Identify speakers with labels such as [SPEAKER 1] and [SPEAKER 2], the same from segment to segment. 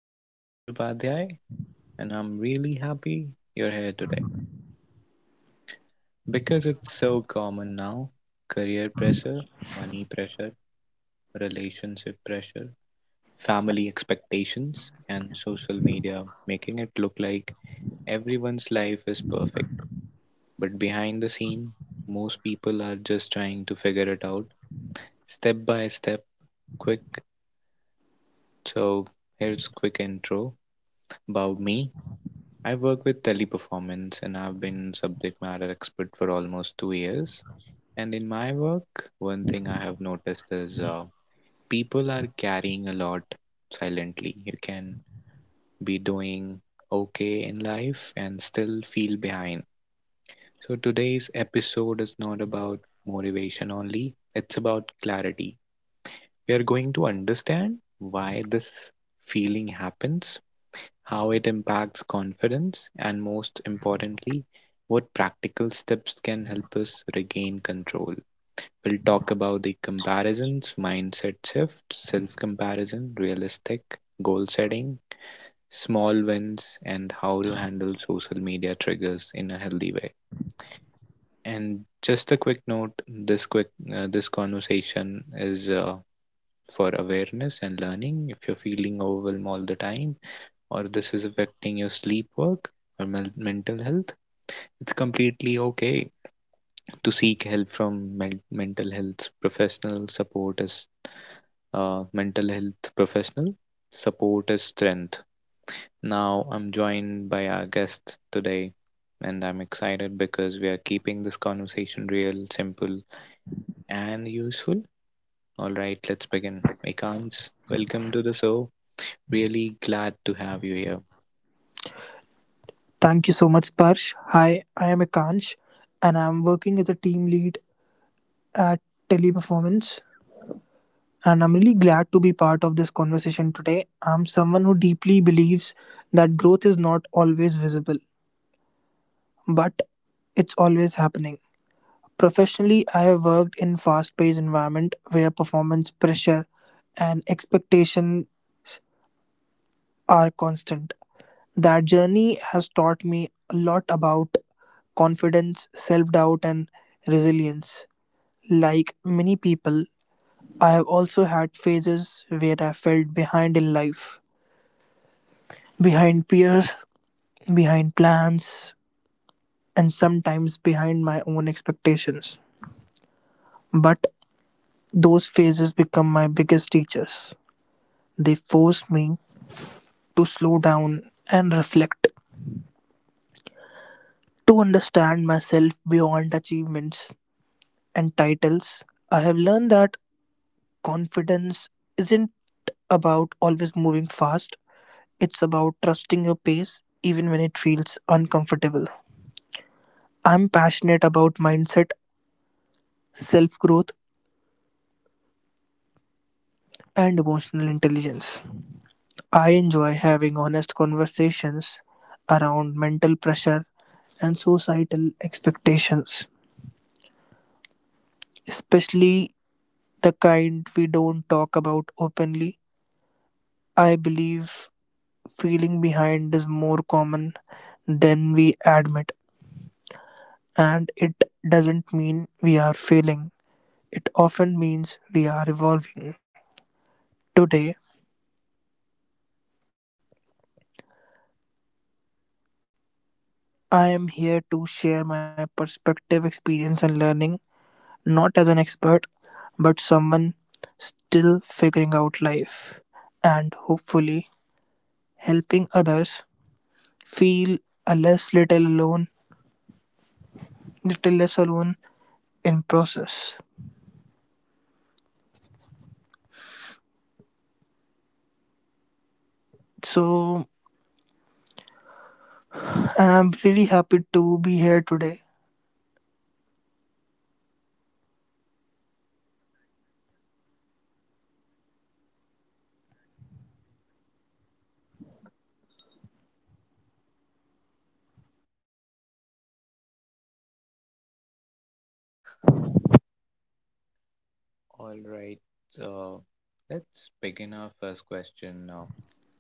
[SPEAKER 1] I'm Sparsh Upadhyay and I'm really happy you're here today because it's so common now: career pressure, money pressure, relationship pressure, family expectations, and social media making it look like everyone's life is perfect. But behind the scene, most people are just trying to figure it out step by step, quick. So, here's quick intro about me. I work with teleperformance and I've been subject matter expert for almost 2 years. And in my work, one thing I have noticed is people are carrying a lot silently. You can be doing okay in life and still feel behind. So today's episode is not about motivation only, it's about clarity. We are going to understand why this feeling happens. How it impacts confidence, and most importantly, what practical steps can help us regain control. We'll talk about the comparisons, mindset shift, self comparison, realistic goal setting, small wins, and how to handle social media triggers in a healthy way. And just a quick note: this quick this conversation is for awareness and learning. If you're feeling overwhelmed all the time, or this is affecting your sleep work or mental health, it's completely okay to seek help from mental health professional support as mental health professional support is strength. Now I'm joined by our guest today and I'm excited because we are keeping this conversation real, simple and useful. All right, let's begin. Ekans, welcome to the show. Really glad to have you
[SPEAKER 2] Thank you so much, Sparsh. Hi, I am Ekansh and I'm working as a team lead at Teleperformance. And I'm really glad to be part of this conversation today. I'm someone who deeply believes that growth is not always visible, but it's always happening. Professionally, I have worked in fast-paced environment where performance pressure and expectation are constant. That journey has taught me a lot about confidence, self doubt, and resilience. Like many people, I have also had phases where I felt behind in life, behind peers, behind plans, and sometimes behind my own expectations. But those phases become my biggest teachers. They forced me to slow down and reflect, to understand myself beyond achievements and titles. I have learned that confidence isn't about always moving fast, it's about trusting your pace even when it feels uncomfortable. I'm passionate about mindset, self growth, and emotional intelligence. I enjoy having honest conversations around mental pressure and societal expectations, especially the kind we don't talk about openly. I believe feeling behind is more common than we admit. And it doesn't mean we are failing, it often means we are evolving. Today, I am here to share my perspective, experience, and learning, not as an expert, but someone still figuring out life and hopefully helping others feel a less little alone, little less alone in process. So, and I'm really happy to be here today.
[SPEAKER 1] here. All right, so let's begin our first question now.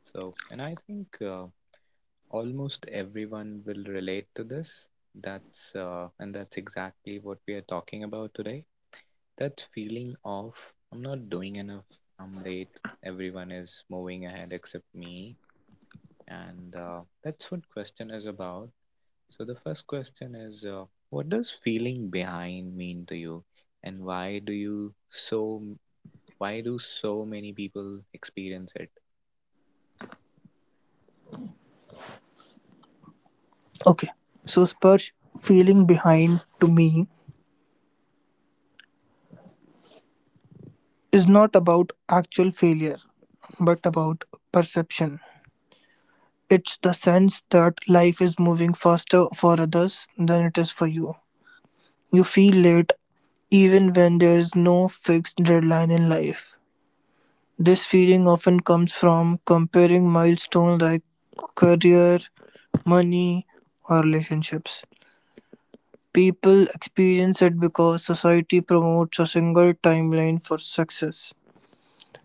[SPEAKER 1] So, and I think almost everyone will relate to this. That's and that's exactly what we are talking about today. That feeling of I'm not doing enough, I'm late, everyone is moving ahead except me, and that's what question is about. So the first question is, what does feeling behind mean to you, and why do so many people experience it?
[SPEAKER 2] Okay, so Spurge, feeling behind to me is not about actual failure, but about perception. It's the sense that life is moving faster for others than it is for you. You feel late even when there is no fixed deadline in life. This feeling often comes from comparing milestones like career, money, or relationships. People experience it because society promotes a single timeline for success.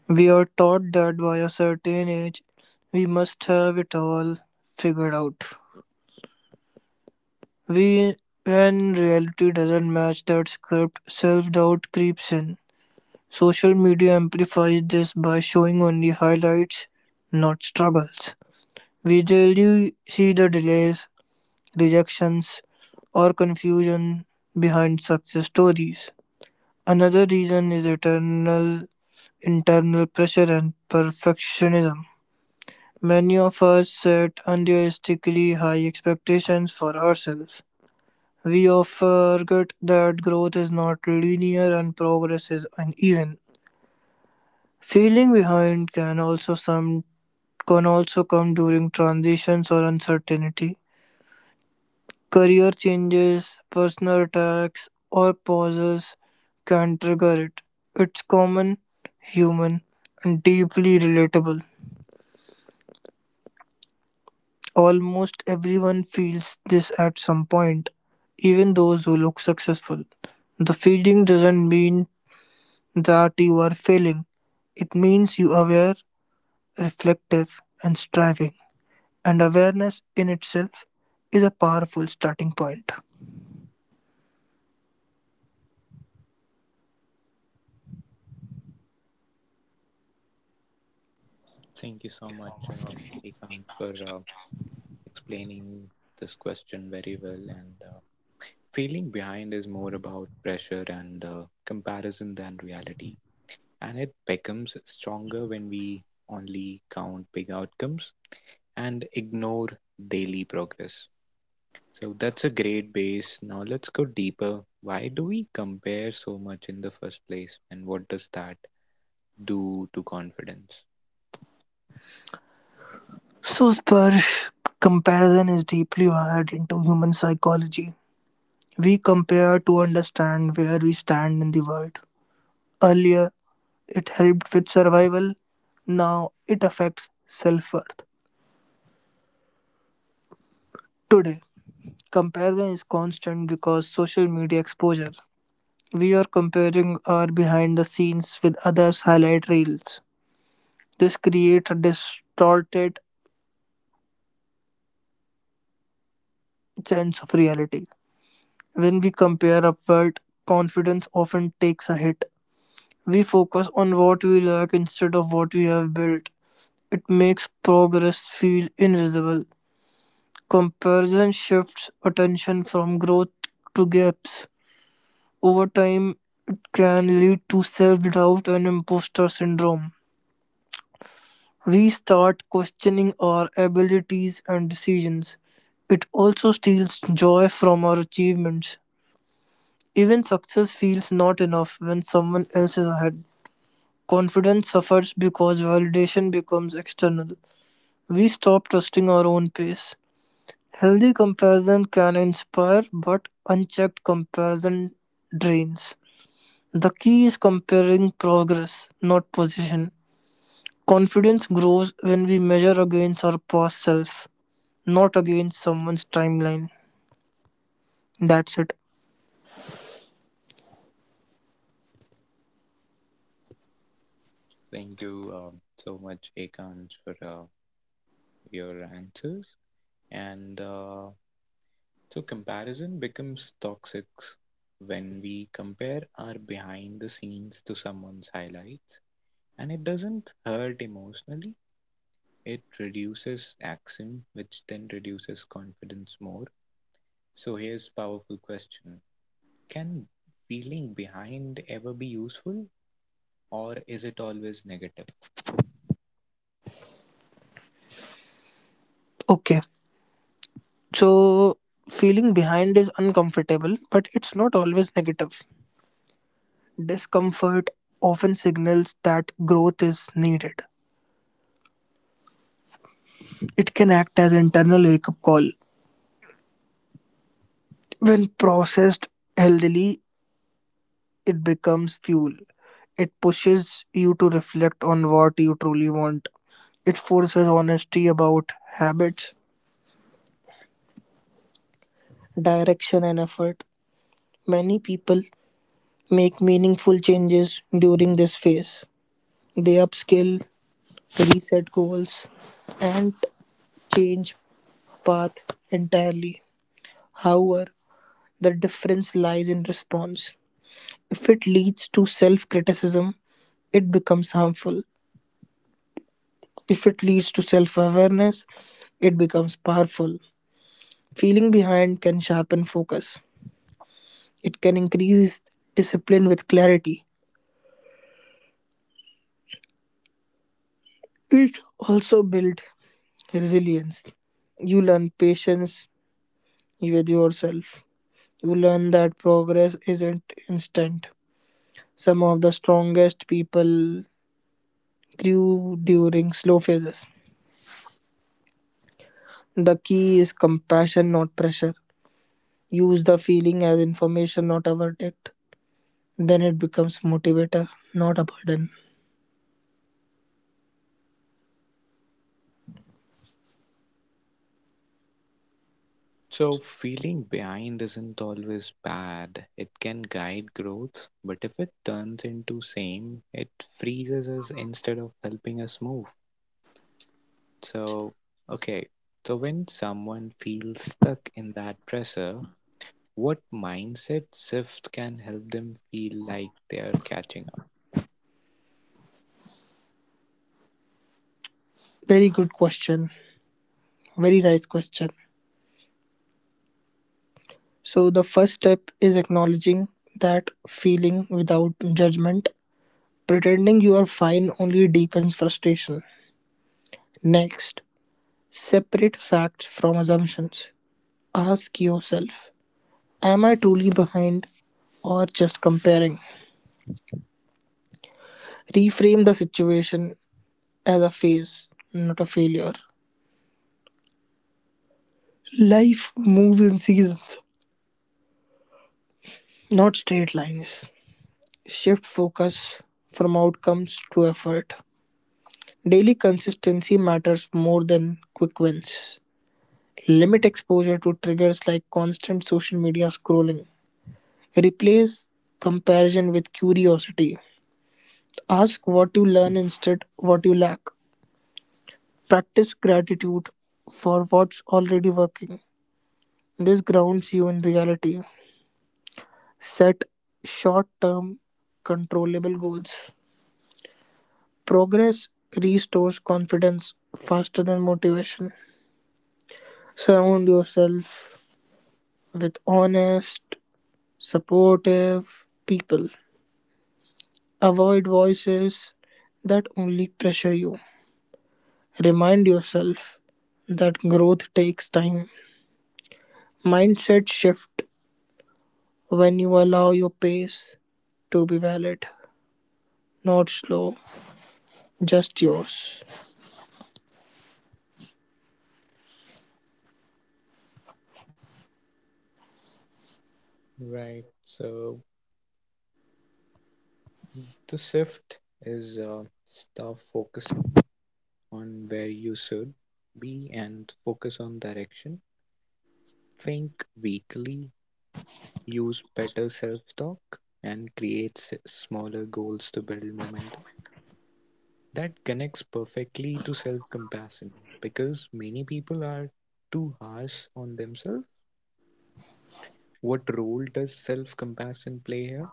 [SPEAKER 2] We are taught that by a certain age we must have it all figured out. We, when reality doesn't match that script, self doubt creeps in. Social media amplifies this by showing only highlights, not struggles. We rarely see the delays, rejections, or confusion behind success stories. Another reason is eternal internal pressure and perfectionism. Many of us set unrealistically high expectations for ourselves. We often forget that growth is not linear and progress is uneven. Feeling behind can also some can also come during transitions or uncertainty. Career changes, personal attacks, or pauses can trigger it. It's common, human, and deeply relatable. Almost everyone feels this at some point, even those who look successful. The feeling doesn't mean that you are failing. It means you are aware, reflective, and striving. And awareness in itself is a powerful starting point.
[SPEAKER 1] Thank you so much, Ekant, for explaining this question very well. And feeling behind is more about pressure and comparison than reality. And it becomes stronger when we only count big outcomes and ignore daily progress. So that's a great base. Now let's go deeper. Why do we compare so much in the first place? And what does that do to confidence?
[SPEAKER 2] So, Sparsh, comparison is deeply wired into human psychology. We compare to understand where we stand in the world. Earlier, it helped with survival. Now it affects self worth. Today, comparison is constant because social media exposure. We are comparing our behind the scenes with others' highlight reels. This creates a distorted sense of reality. When we compare upward, confidence often takes a hit. We focus on what we lack instead of what we have built. It makes progress feel invisible. Comparison shifts attention from growth to gaps; over time it can lead to self-doubt and imposter syndrome. We start questioning our abilities and decisions. It also steals joy from our achievements. Even success feels not enough when someone else is ahead. Confidence suffers because validation becomes external. We stop trusting our own pace. Healthy comparison can inspire, but unchecked comparison drains. The key is comparing progress, not position. Confidence grows when we measure against our past self, not against someone's timeline. That's it.
[SPEAKER 1] Thank you so much, Ekant, for your answers. And comparison becomes toxic when we compare our behind the scenes to someone's highlights, and it doesn't hurt emotionally. It reduces action, which then reduces confidence more. So here's powerful question: can feeling behind ever be useful, or is it always negative?
[SPEAKER 2] Okay. So, feeling behind is uncomfortable, but it's not always negative. Discomfort often signals that growth is needed. It can act as internal wake up call. When processed healthily, it becomes fuel. It pushes you to reflect on what you truly want. It forces honesty about habits, direction, and effort. Many people make meaningful changes during this phase. They upskill, reset goals, and change path entirely. However, the difference lies in response. If it leads to self criticism, it becomes harmful. If it leads to self awareness, it becomes powerful. Feeling behind can sharpen focus, it can increase discipline with clarity. It also builds resilience. You learn patience with yourself. You learn that progress isn't instant. Some of the strongest people grew during slow phases. The key is compassion, not pressure. Use the feeling as information, not a verdict. Then it becomes motivator, not a burden.
[SPEAKER 1] So, feeling behind isn't always bad. It can guide growth, but if it turns into same, it freezes us instead of helping us move. So, okay. So, when someone feels stuck in that pressure, what mindset shift can help them feel like they are catching up?
[SPEAKER 2] Very good question. Very nice question. So, the first step is acknowledging that feeling without judgment. Pretending you are fine only deepens frustration. Next, separate facts from assumptions. Ask yourself, am I truly behind or just comparing? Reframe the situation as a phase, not a failure. Life moves in seasons, not straight lines. Shift focus from outcomes to effort. Daily consistency matters more than quick wins. Limit exposure to triggers like constant social media scrolling. Replace comparison with curiosity. Ask what you learn instead what you lack. Practice gratitude for what's already working. This grounds you in reality. Set short term controllable goals. Progress restores confidence faster than motivation. Surround yourself with honest, supportive people. Avoid voices that only pressure you. Remind yourself that growth takes time. Mindset shift when you allow your pace to be valid, not slow, just yours.
[SPEAKER 1] Right. So the shift is stop focusing on where you should be and focus on direction. Think weakly, use better self-talk, and create smaller goals to build momentum. That connects perfectly to self-compassion because many people are too harsh on themselves. What role does self-compassion play here?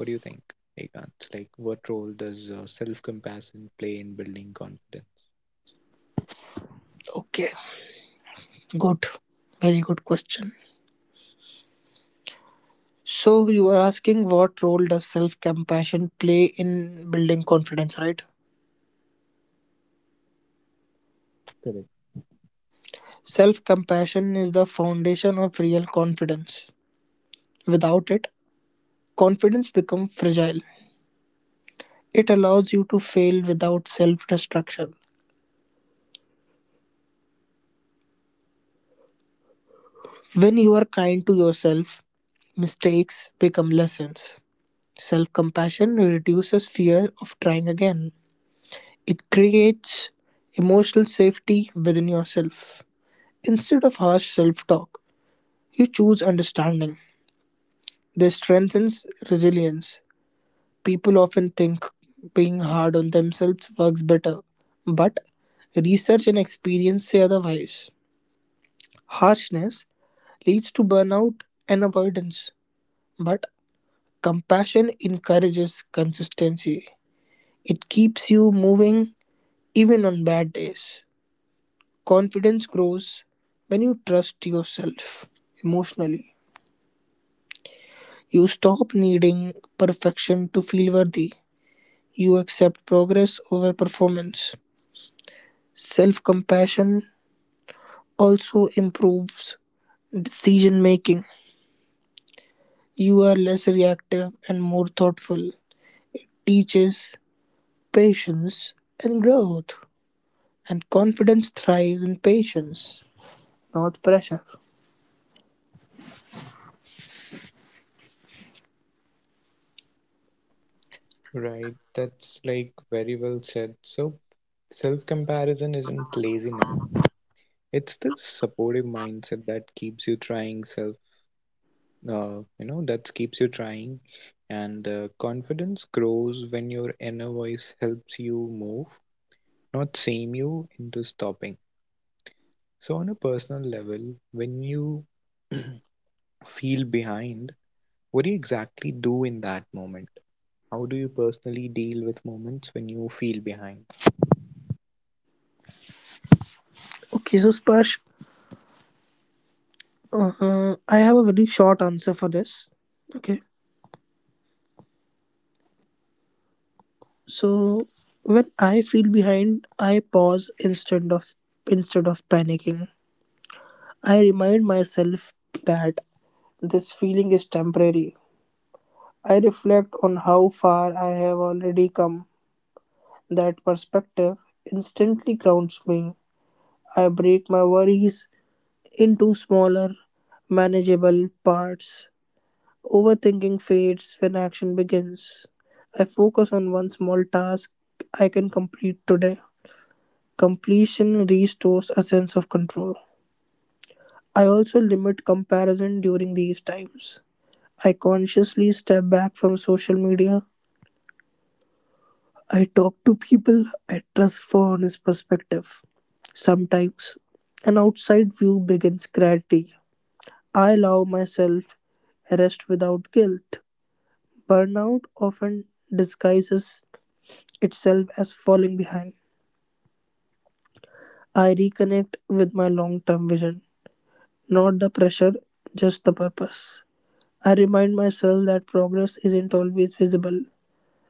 [SPEAKER 1] What do you think, Ekant? Like, what role does self-compassion play in building confidence?
[SPEAKER 2] Okay, good. Very good question. So you are asking what role does self-compassion play in building confidence, right?
[SPEAKER 1] Correct.
[SPEAKER 2] Self-compassion is the foundation of real confidence. Without it, confidence becomes fragile. It allows you to fail without self-destruction. When you are kind to yourself, mistakes become lessons. Self-compassion reduces fear of trying again. It creates emotional safety within yourself. Instead of harsh self-talk, you choose understanding. This strengthens resilience. People often think being hard on themselves works better, but research and experience say otherwise. Harshness leads to burnout and avoidance, but compassion encourages consistency. It keeps you moving even on bad days. Confidence grows when you trust yourself emotionally. You stop needing perfection to feel worthy. You accept progress over performance. Self-compassion also improves decision making. You are less reactive and more thoughtful. Teaches patience and growth. And confidence thrives in patience, not pressure.
[SPEAKER 1] Right, that's like very well said. So, self-comparison isn't laziness. It's this supportive mindset that keeps you trying that keeps you trying, and confidence grows when your inner voice helps you move, not shame you into stopping. So, on a personal level, when you feel behind, what do you exactly do in that moment? How do you personally deal with moments when you feel behind?
[SPEAKER 2] Okay, so Sparsh, I have a very short answer for this. Okay, so when I feel behind, I pause instead of panicking. I remind myself that this feeling is temporary. I reflect on how far I have already come. That perspective instantly grounds me. I break my worries into smaller, manageable parts. Overthinking fades when action begins. I focus on one small task I can complete today. Completion restores a sense of control. I also limit comparison during these times. I consciously step back from social media. I talk to people I trust for honest perspective. Sometimes an outside view begins clarity. I allow myself rest without guilt. Burnout often disguises itself as falling behind. I reconnect with my long term vision, not the pressure, just the purpose. I remind myself that progress isn't always visible.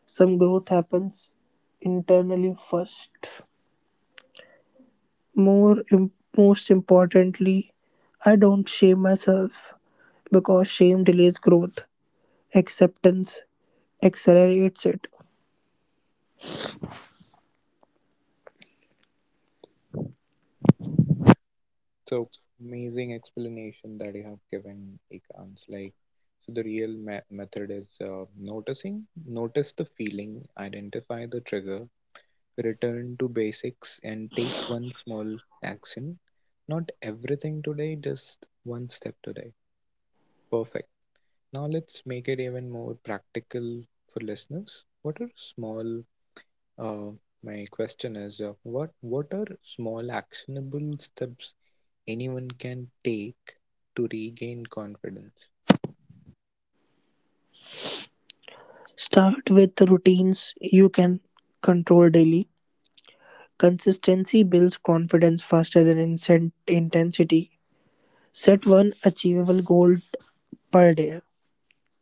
[SPEAKER 2] Some growth happens internally first. More im- Most importantly, I don't shame myself because shame delays growth. Acceptance accelerates it.
[SPEAKER 1] So amazing explanation that you have given, Ikans. Like, so the real me method is noticing, notice the feeling, identify the trigger, return to basics, and take one small action. Not everything today, just one step today. Perfect. Now let's make it even more practical for listeners. What are small, uh, my question is, what are small actionable steps anyone can take to regain confidence.
[SPEAKER 2] Start with the routines you can control daily. Consistency builds confidence faster than intensity. Set one achievable goal per day.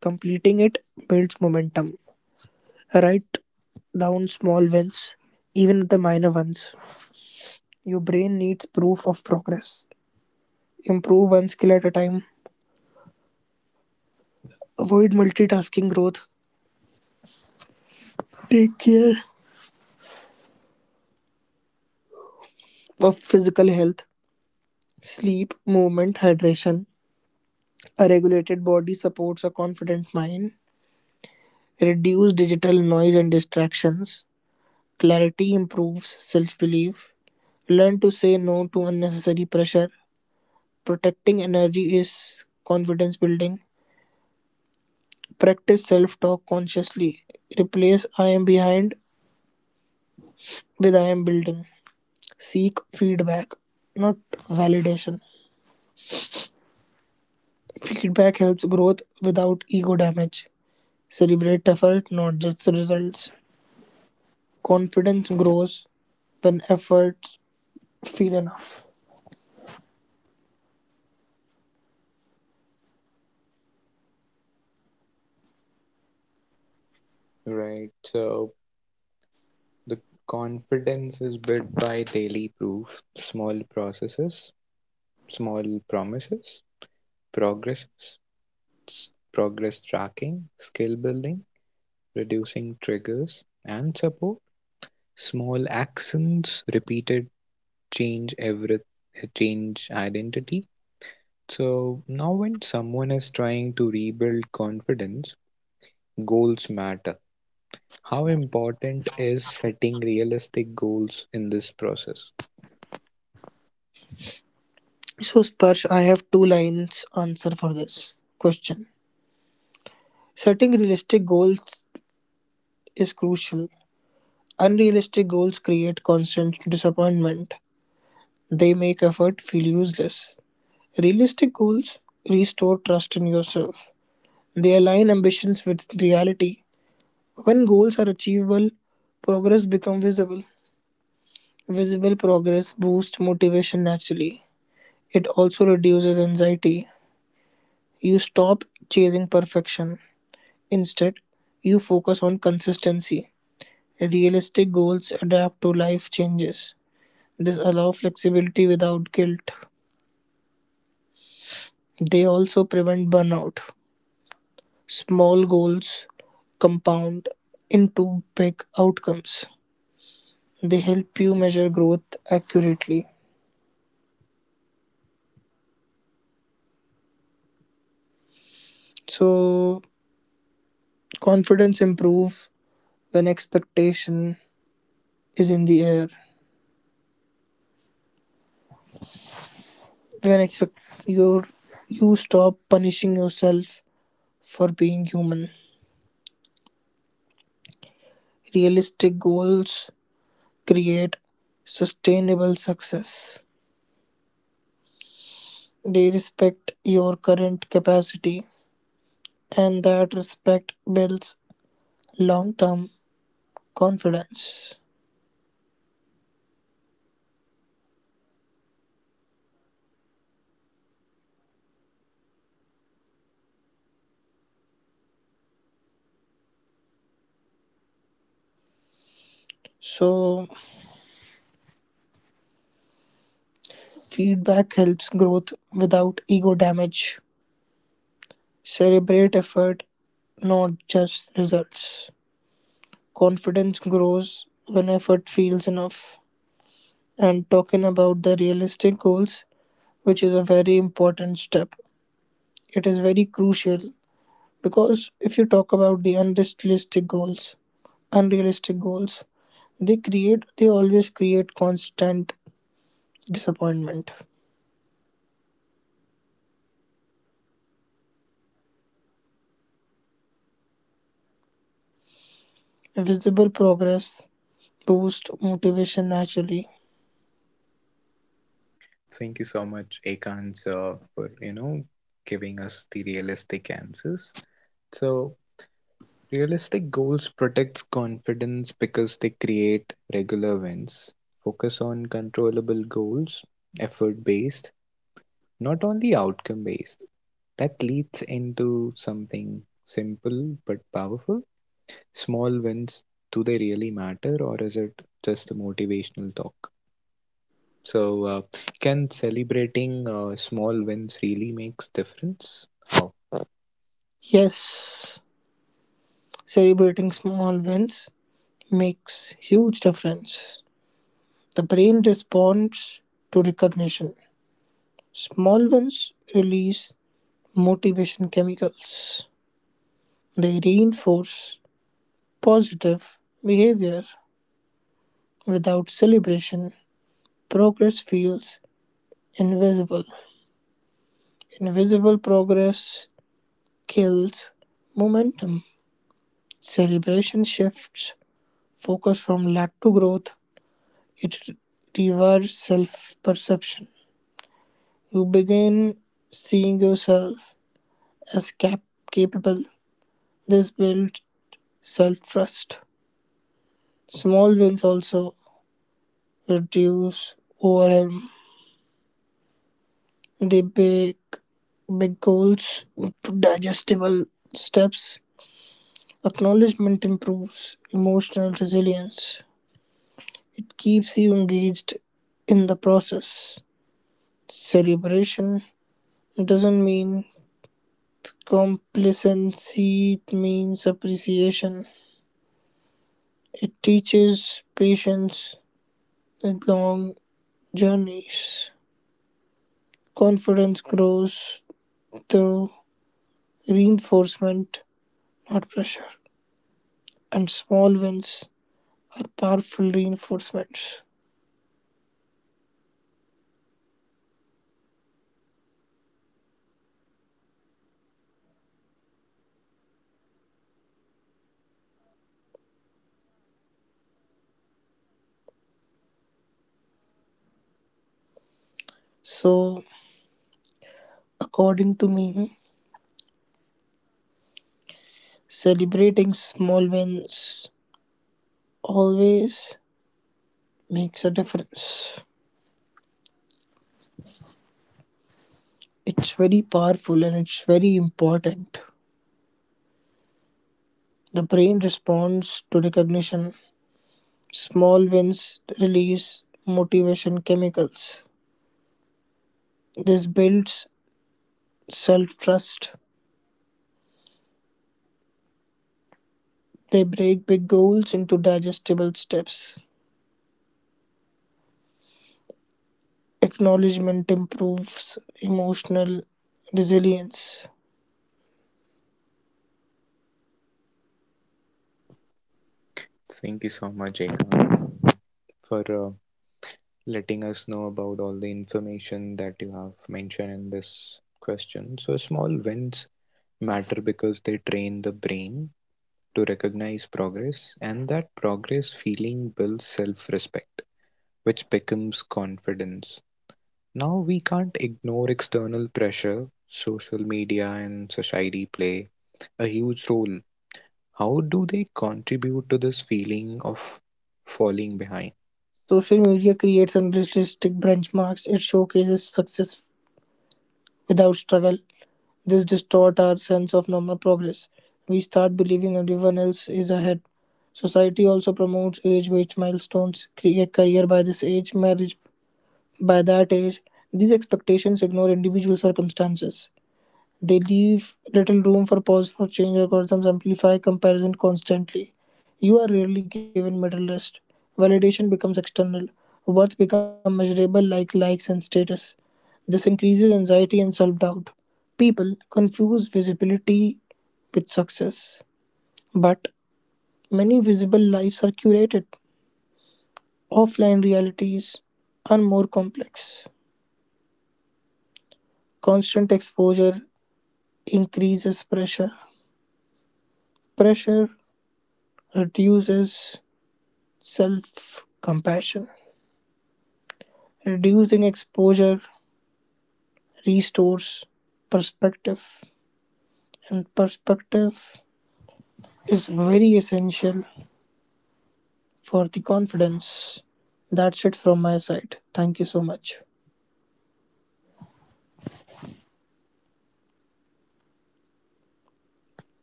[SPEAKER 2] Completing it builds momentum. Write down small wins, even the minor ones. Your brain needs proof of progress. Improve one skill at a time. Avoid multitasking growth. Take care of physical health. Sleep, movement, hydration. A regulated body supports a confident mind. Reduce digital noise and distractions. Clarity improves self belief. Learn to say no to unnecessary pressure. Protecting energy is confidence building. Practice self-talk consciously. Replace I am behind with I am building. Seek feedback, not validation. Feedback helps growth without ego damage. Celebrate effort, not just results. Confidence grows when efforts feel enough.
[SPEAKER 1] Right. So the confidence is built by daily proof, small processes, small promises, progresses, progress tracking, skill building, reducing triggers and support, small actions, repeated change every change identity. So now when someone is trying to rebuild confidence, goals matter. How important is setting realistic goals in this process?
[SPEAKER 2] So, Sparsh, I have two lines answer for this question. Setting realistic goals is crucial. Unrealistic goals create constant disappointment. They make effort feel useless. Realistic goals restore trust in yourself. They align ambitions with reality. When goals are achievable, progress becomes visible. Visible progress boosts motivation naturally. It also reduces anxiety. You stop chasing perfection. Instead, you focus on consistency. Realistic goals adapt to life changes. This allows flexibility without guilt. They also prevent burnout. Small goals compound into big outcomes. They help you measure growth accurately. So confidence improve when expectation is in the air. When expect you you stop punishing yourself for being human. Realistic goals create sustainable success. They respect your current capacity and that respect builds long-term confidence. So, feedback helps growth without ego damage. Celebrate effort, not just results. Confidence grows when effort feels enough. And talking about the realistic goals, which is a very important step, it is very crucial because if you talk about the unrealistic goals, they always create constant disappointment visible progress boost motivation naturally.
[SPEAKER 1] Thank you so much, Ekans, for you know giving us the realistic answers. So realistic goals protects confidence because they create regular wins. Focus on controllable goals, effort based, not only outcome based. That leads into something simple but powerful. Small wins, do they really matter or is it just a motivational talk? So, can celebrating small wins really makes difference? Oh,
[SPEAKER 2] Yes, celebrating small wins makes huge difference. The brain responds to recognition. Small wins release motivation chemicals. They reinforce positive behavior. Without celebration, progress feels invisible. Invisible progress kills momentum. Celebration shifts focus from lack to growth. It reverses self-perception; you begin seeing yourself as capable. This builds self-trust. Small wins also reduce overwhelm. They bake big goals into digestible steps. Acknowledgement improves emotional resilience. It keeps you engaged in the process. Celebration doesn't mean Complacency means appreciation. It teaches patience with long journeys. Confidence grows through reinforcement, not pressure. And small wins are powerful reinforcements. So, according to me, celebrating small wins always makes a difference. It's very powerful and it's very important. The brain responds to recognition, small wins release motivation chemicals. This builds self trust. They break big goals into digestible steps. Acknowledgement improves emotional resilience.
[SPEAKER 1] thank you so much, Ekam, for letting us know about all the information that you have mentioned in this question. So, small wins matter because they train the brain to recognize progress, and that progress feeling builds self-respect, which becomes confidence. Now, we can't ignore external pressure social media and society play a huge role. How do they contribute to this feeling of falling behind?
[SPEAKER 2] Social media creates unrealistic benchmarks, it showcases success without struggle. This distorts our sense of normal progress. We start believing everyone else is ahead. Society also promotes age based milestones, career by this age, marriage by that age. These expectations ignore individual circumstances. They leave little room for pause for change algorithms amplify comparison constantly. You are rarely given middle rest. Validation becomes external. Worth becomes measurable like likes and status. This increases anxiety and self doubt. People confuse visibility with success. But many visible lives are curated. Offline realities are more complex. Constant exposure increases pressure. Pressure reduces self compassion. Reducing exposure restores perspective, and perspective is very essential for the confidence. That's it from my side. Thank you so much.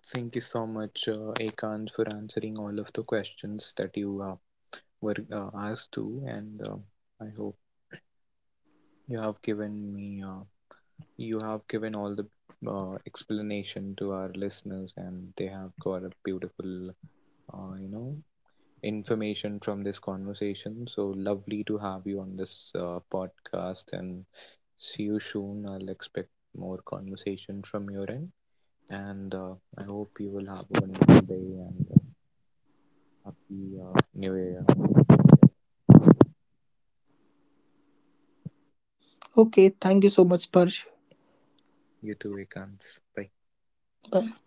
[SPEAKER 1] Thank you so much, Ekant, for answering all of the questions that you were asked to, and I hope you have given me, uh, you have given all the explanation to our listeners, and they have got a beautiful, uh, you know, information from this conversation. So lovely to have you on this podcast, and see you soon. I'll expect more conversation from your end, and I hope you will have a wonderful day and happy new year.
[SPEAKER 2] Okay, thank you so much, Parsh.
[SPEAKER 1] You too, Ekans. Bye.
[SPEAKER 2] Bye.